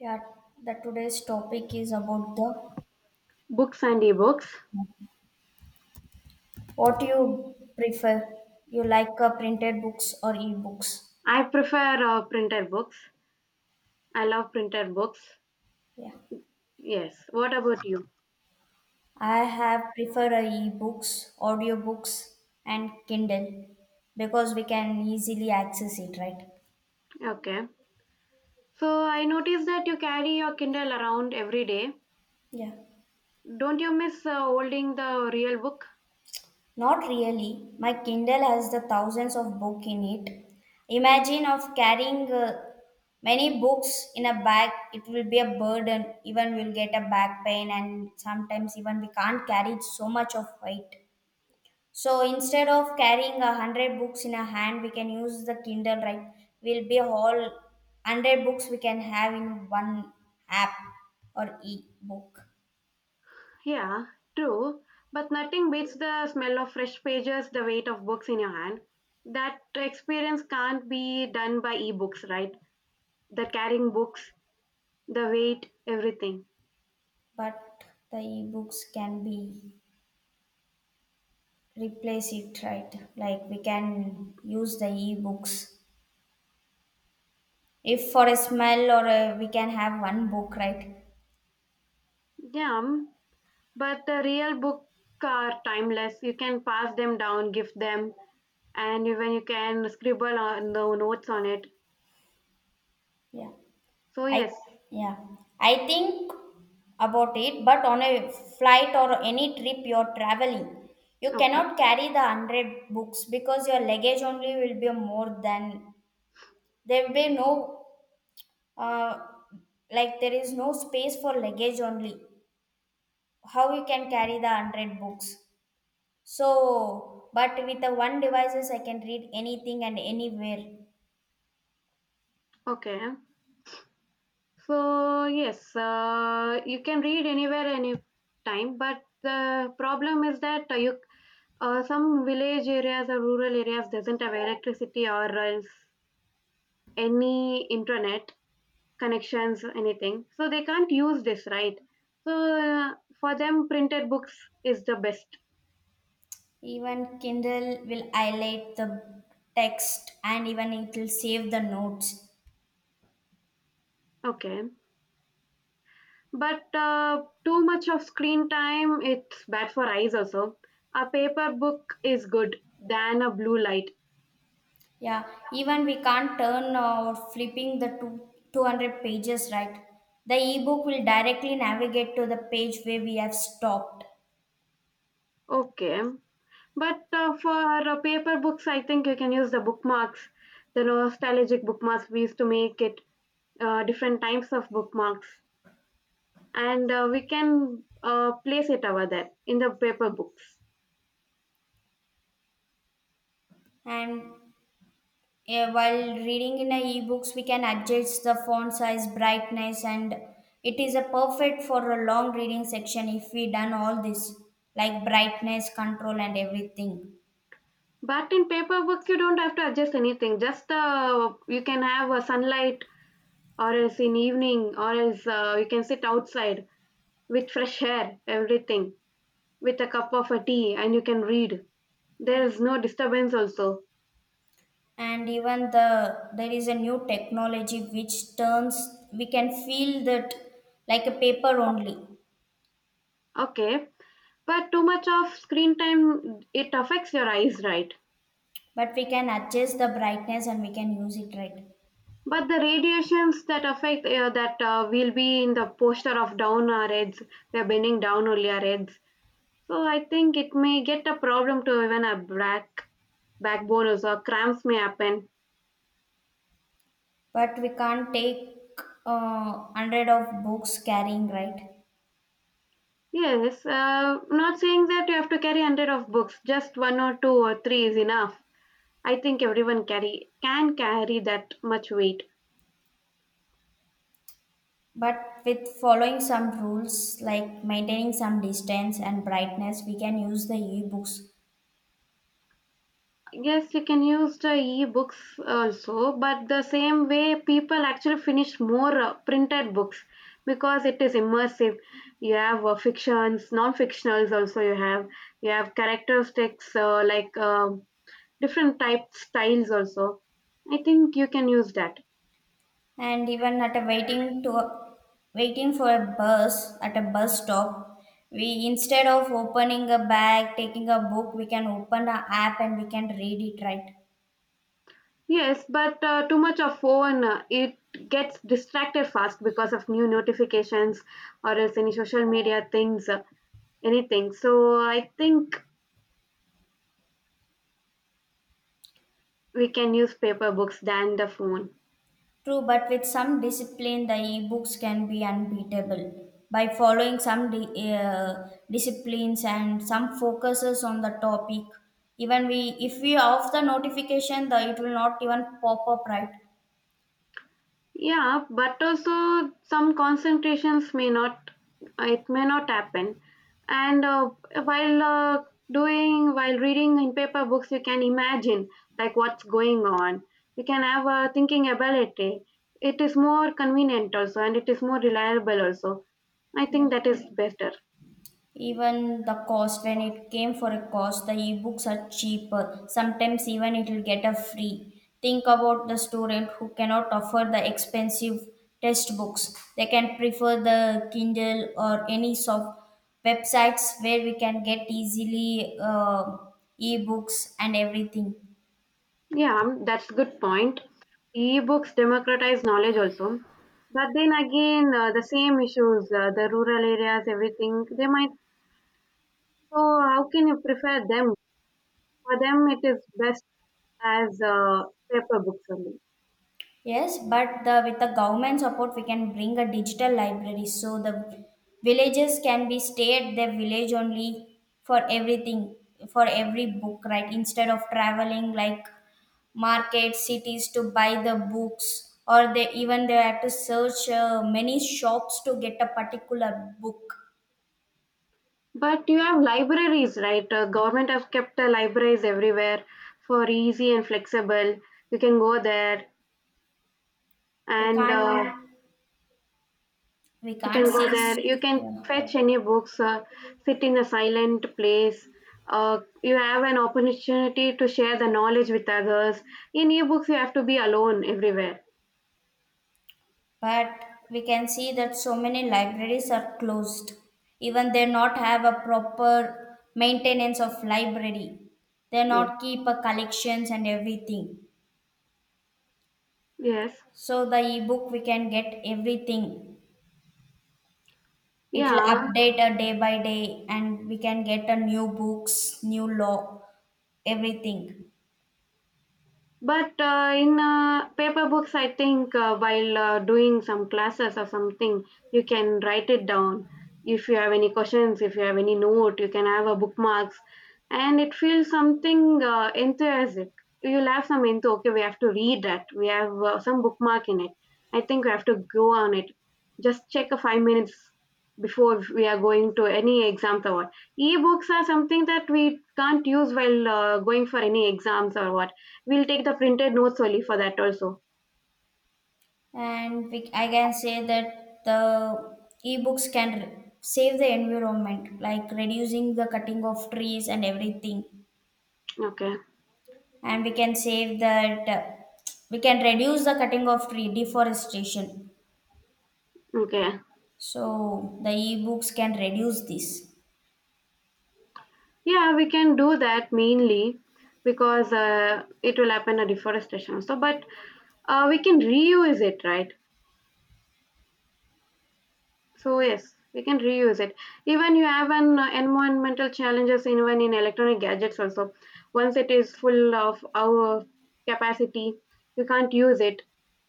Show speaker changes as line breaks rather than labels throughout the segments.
Yeah, the today's topic is about the
Books and ebooks.
what you prefer. You like printed books or e-books?
I prefer printed books. I love printed books.
Yeah,
Yes. What about you?
I have prefer e-books, audiobooks, and Kindle because we can easily access it, right?
Okay. So I noticed that you carry your Kindle around every day.
Yeah.
Don't you miss holding the real book?
Not really. My Kindle has the thousands of books in it. Imagine of carrying many books in a bag. It will be a burden. Even we'll get a back pain, and sometimes even we can't carry so much of weight. So instead of carrying a hundred books in a hand, we can use the Kindle. Right? Will be all hundred books we can have in one app or e-book.
Yeah, true. But nothing beats the smell of fresh pages, the weight of books in your hand. That experience can't be done by ebooks, right? The carrying books, the weight, everything.
But the e-books can be replace it, right? Like we can use the ebooks if for a smell or a, we can have one book, right?
Yeah. But the real book are timeless. You can pass them down, gift them, and even you can scribble on the notes on it.
yeah
So
i
yes,
yeah i think about it, but on a flight or any trip you're traveling, you
okay,
cannot carry the 100 books because your luggage only will be more than there will be no uh, like there is no space for luggage only, how you can carry the 100 books. So, but with the one devices, I can read anything and anywhere.
okay. So yes, you can read anywhere, any time. But the problem is that you some village areas or rural areas doesn't have electricity or else any internet connections anything, so they can't use this, right? So uh, for them printed books is the best.
Even Kindle will highlight the text, and even it will save the notes.
Okay, but too much of screen time, it's bad for eyes also. A paper book is good than a blue light.
Yeah, even we can't turn or flipping the two, 200 pages, right? The ebook will directly navigate to the page where we have stopped.
Okay, but for paper books, I think you can use the bookmarks, the nostalgic bookmarks. We used to make it different types of bookmarks, and we can place it over there in the paper books.
And yeah, while reading in a ebooks, we can adjust the font size, brightness, and it is a perfect for a long reading section if we done all this, like brightness control and everything.
But in paper books, you don't have to adjust anything. Just you can have a sunlight or else in evening or else you can sit outside with fresh air everything with a cup of a tea, and you can read. There
Yeah.
is no disturbance also.
And even there is a new technology which turns, we can feel that like a paper only,
Okay, but too much of screen time, it affects your eyes, right?
but we can adjust the brightness and we can use it, right.
But the radiations that affect that will be in the posture of down our heads. We are bending down only our heads, so I think it may get a problem to even a backbone also. Cramps may happen.
But we can't take hundred of books carrying, right?
Yes, not saying that you have to carry 100 of books, just one or two or three is enough. I think everyone carry can carry that much weight.
But with following some rules like maintaining some distance and brightness, we can use the e-books.
Yes, you can use the e-books also, but the same way people actually finish more printed books because it is immersive. You have fictions, non-fictionals also you have. You have characteristics like different type styles also. I think you can use that.
And even at a waiting for a bus at a bus stop, we instead of opening a bag, taking a book, we can open an app and we can read it, right.
Yes, but too much of phone, it gets distracted fast because of new notifications or else any social media things, anything. So I think we can use paper books than the phone.
True, but with some discipline, the e-books can be unbeatable. By following some disciplines and some focuses on the topic, even we if we off the notification, the it will not even pop up, right?
Yeah, but also some concentrations may not, it may not happen. And while uh, while reading in paper books, you can imagine like what's going on. You can have a thinking ability. It is more convenient also, and it is more reliable also. I
Yeah.
think that is better.
Even the cost, when it came for a cost, the ebooks are cheaper, sometimes even it will get a free. Think about the student who cannot afford the expensive test books. They can prefer the Kindle or any soft websites where we can get easily ebooks and everything.
Yeah, that's good point. E-books democratize knowledge also. But then again, the same issues, the rural areas, everything, they might. So how can you prefer them? For them, it is best as paper books only.
Yes, but the with the government support, we can bring a digital library, so the villages can be stay at their village only for everything, for every book, right? Instead of traveling like market cities to buy the books, or they even they have to search many shops to get a particular book.
But you have libraries, right? Government have kept libraries everywhere for easy and flexible. You can go there
We
and
can't we
you
can't
can go
see.
there. You can
Yeah.
fetch any books, sit in a silent place. You have an opportunity to share the knowledge with others. In ebooks, you have to be alone everywhere.
But we can see that so many libraries are closed. Even they not have a proper maintenance of library. They
Yes.
not keep a collections and everything.
Yes.
So the ebook we can get everything. It will
Yeah.
update a day by day and we can get a new books, new law, everything.
But in paper books, I think while doing some classes or something, you can write it down. If you have any questions, if you have any note, you can have a bookmarks, and it feels something enthusiastic. You'll have some into okay, we have to read that. We have some bookmark in it. I think we have to go on it. Just check a 5 minutes before we are going to any exams or what. E-books are something that we can't use while going for any exams or what. We'll take the printed notes only for that also.
And we, I can say that the ebooks can save the environment, like reducing the cutting of trees and everything,
Okay.
and we can save that we can reduce the cutting of tree deforestation,
Okay.
so the e-books can reduce this.
Yeah, we can do that mainly because it will happen a deforestation also. But we can reuse it, right? So yes, we can reuse it. Even you have an environmental challenges even in electronic gadgets also. Once it is full of our capacity, you can't use it,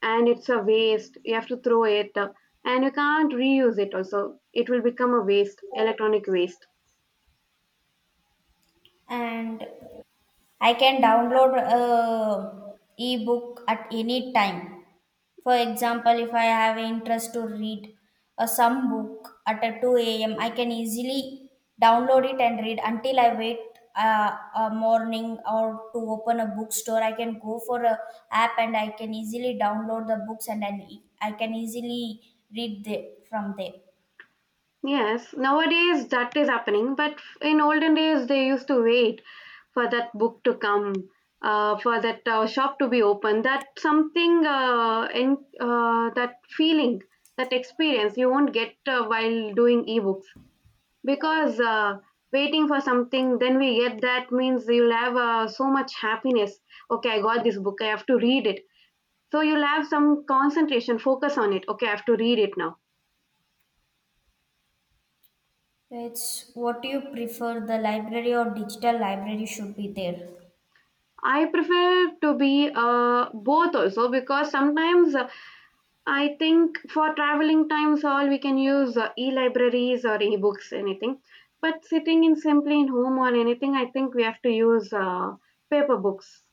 and it's a waste. You have to throw it, and you can't reuse it also. It will become a waste, electronic waste.
And I can download a ebook at any time. For example, if I have interest to read a some book at a 2 a.m., I can easily download it and read until I wait a morning or to open a bookstore. I can go for a app and I can easily download the books, and then I can easily read the, from there.
Yes, nowadays that is happening, but in olden days they used to wait for that book to come, for that shop to be open. That something in that feeling, that experience you won't get while doing ebooks because waiting for something, then we get that means you'll have so much happiness. Okay, I got this book. I have to read it. So you'll have some concentration, focus on it. Okay, I have to read it now.
It's what do you prefer, the library or digital library should be there.
I prefer to be both also because sometimes I think for traveling times all we can use e-libraries or e-books anything. But sitting in simply in home or anything, I think we have to use paper books.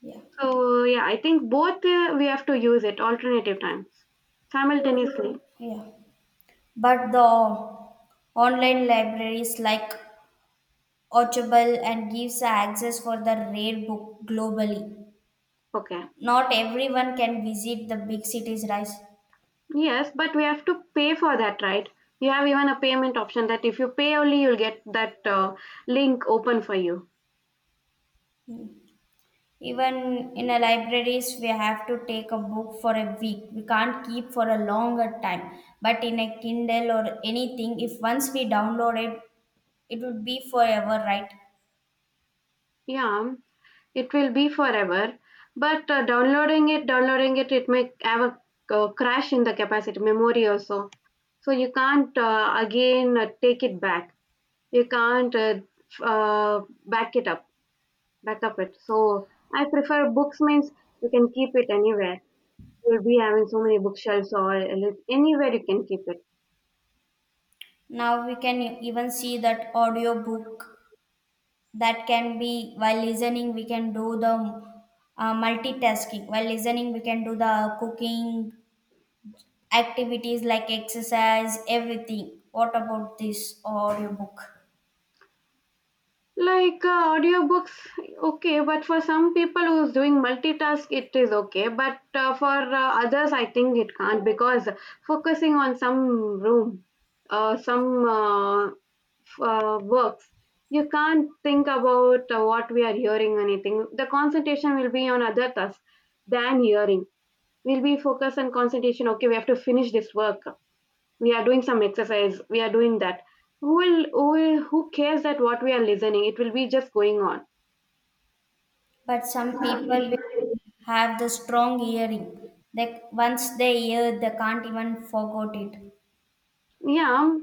Yeah.
So yeah, I think both we have to use it alternative times
True.
simultaneously.
Yeah. But the online libraries like Audible and gives access for the rare book globally.
Okay.
Not everyone can visit the big cities, right?
Yes, but we have to pay for that, right? You have even a payment option that if you pay only, you'll get that link open for you.
Even in a libraries, we have to take a book for a week. We can't keep for a longer time. But in a Kindle or anything, if once we download it, it would be forever, right?
Yeah. It will be forever. But downloading it, it may have a crash in the capacity, memory also. So you can't again take it back. You can't f- uh, back it up, back up it. So I prefer books means you can keep it anywhere. You'll be having so many bookshelves or anywhere you can keep it.
Now we can even see that audiobook, that can be while listening we can do the multitasking, while listening we can do the cooking activities like exercise, everything. What about this audiobook?
Like audiobooks, okay, but for some people who's doing multitask, it is okay. But for others, I think it can't because focusing on some room, some works, you can't think about what we are hearing, or anything. The concentration will be on other tasks than hearing. We'll be focused on concentration. Okay, we have to finish this work. We are doing some exercise, we are doing that. Who will, who will who cares that what we are listening? It will be just going on.
But some people will have the strong hearing, like once they hear they can't even forget it.
Yeah.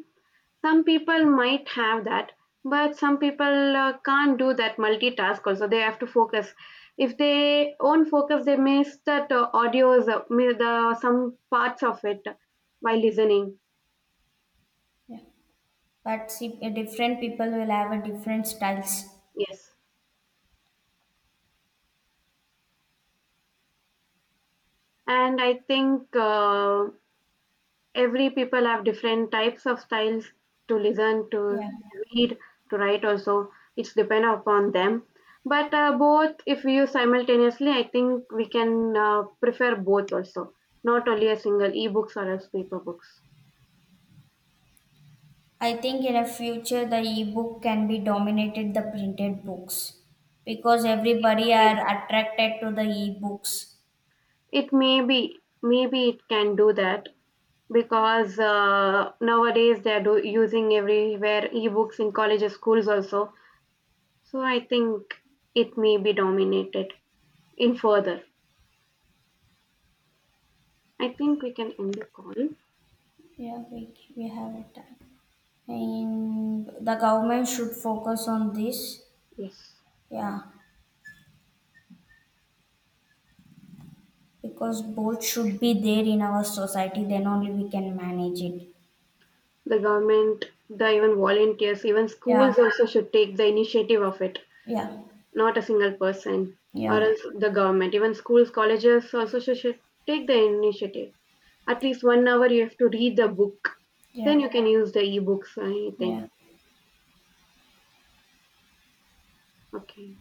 Some people might have that, but some people can't do that multitask also. They have to focus. If they won't focus, they miss that the some parts of it while listening.
Yeah. But see, different people will have a different styles.
Yes. And I think every people have different types of styles to listen to,
Yeah.
read, to write also. It's depend upon them. But both if we use simultaneously, I think we can prefer both also, not only a single ebooks or as paper books.
I think in a future the e-book can be dominated the printed books because
It
everybody are
may,
attracted to the e-books.
it may be, maybe it can do that because nowadays they are using everywhere ebooks in colleges schools also. So I think it may be dominated in further. I think we can end the call.
Yeah, we, we have it. And the government should focus on this.
Yes.
Yeah, because both should be there in our society. Then only we can manage it.
The government, the even volunteers, even
Yeah,
schools also should take the initiative of it,
yeah,
not a single person or
yeah,
else the government. Even schools, colleges also should take the initiative. At least 1 hour you have to read the book. Then
yeah,
you can use the ebooks or anything.
yeah.
Okay.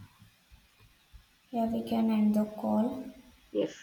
Yeah, we can end the call.
Yes.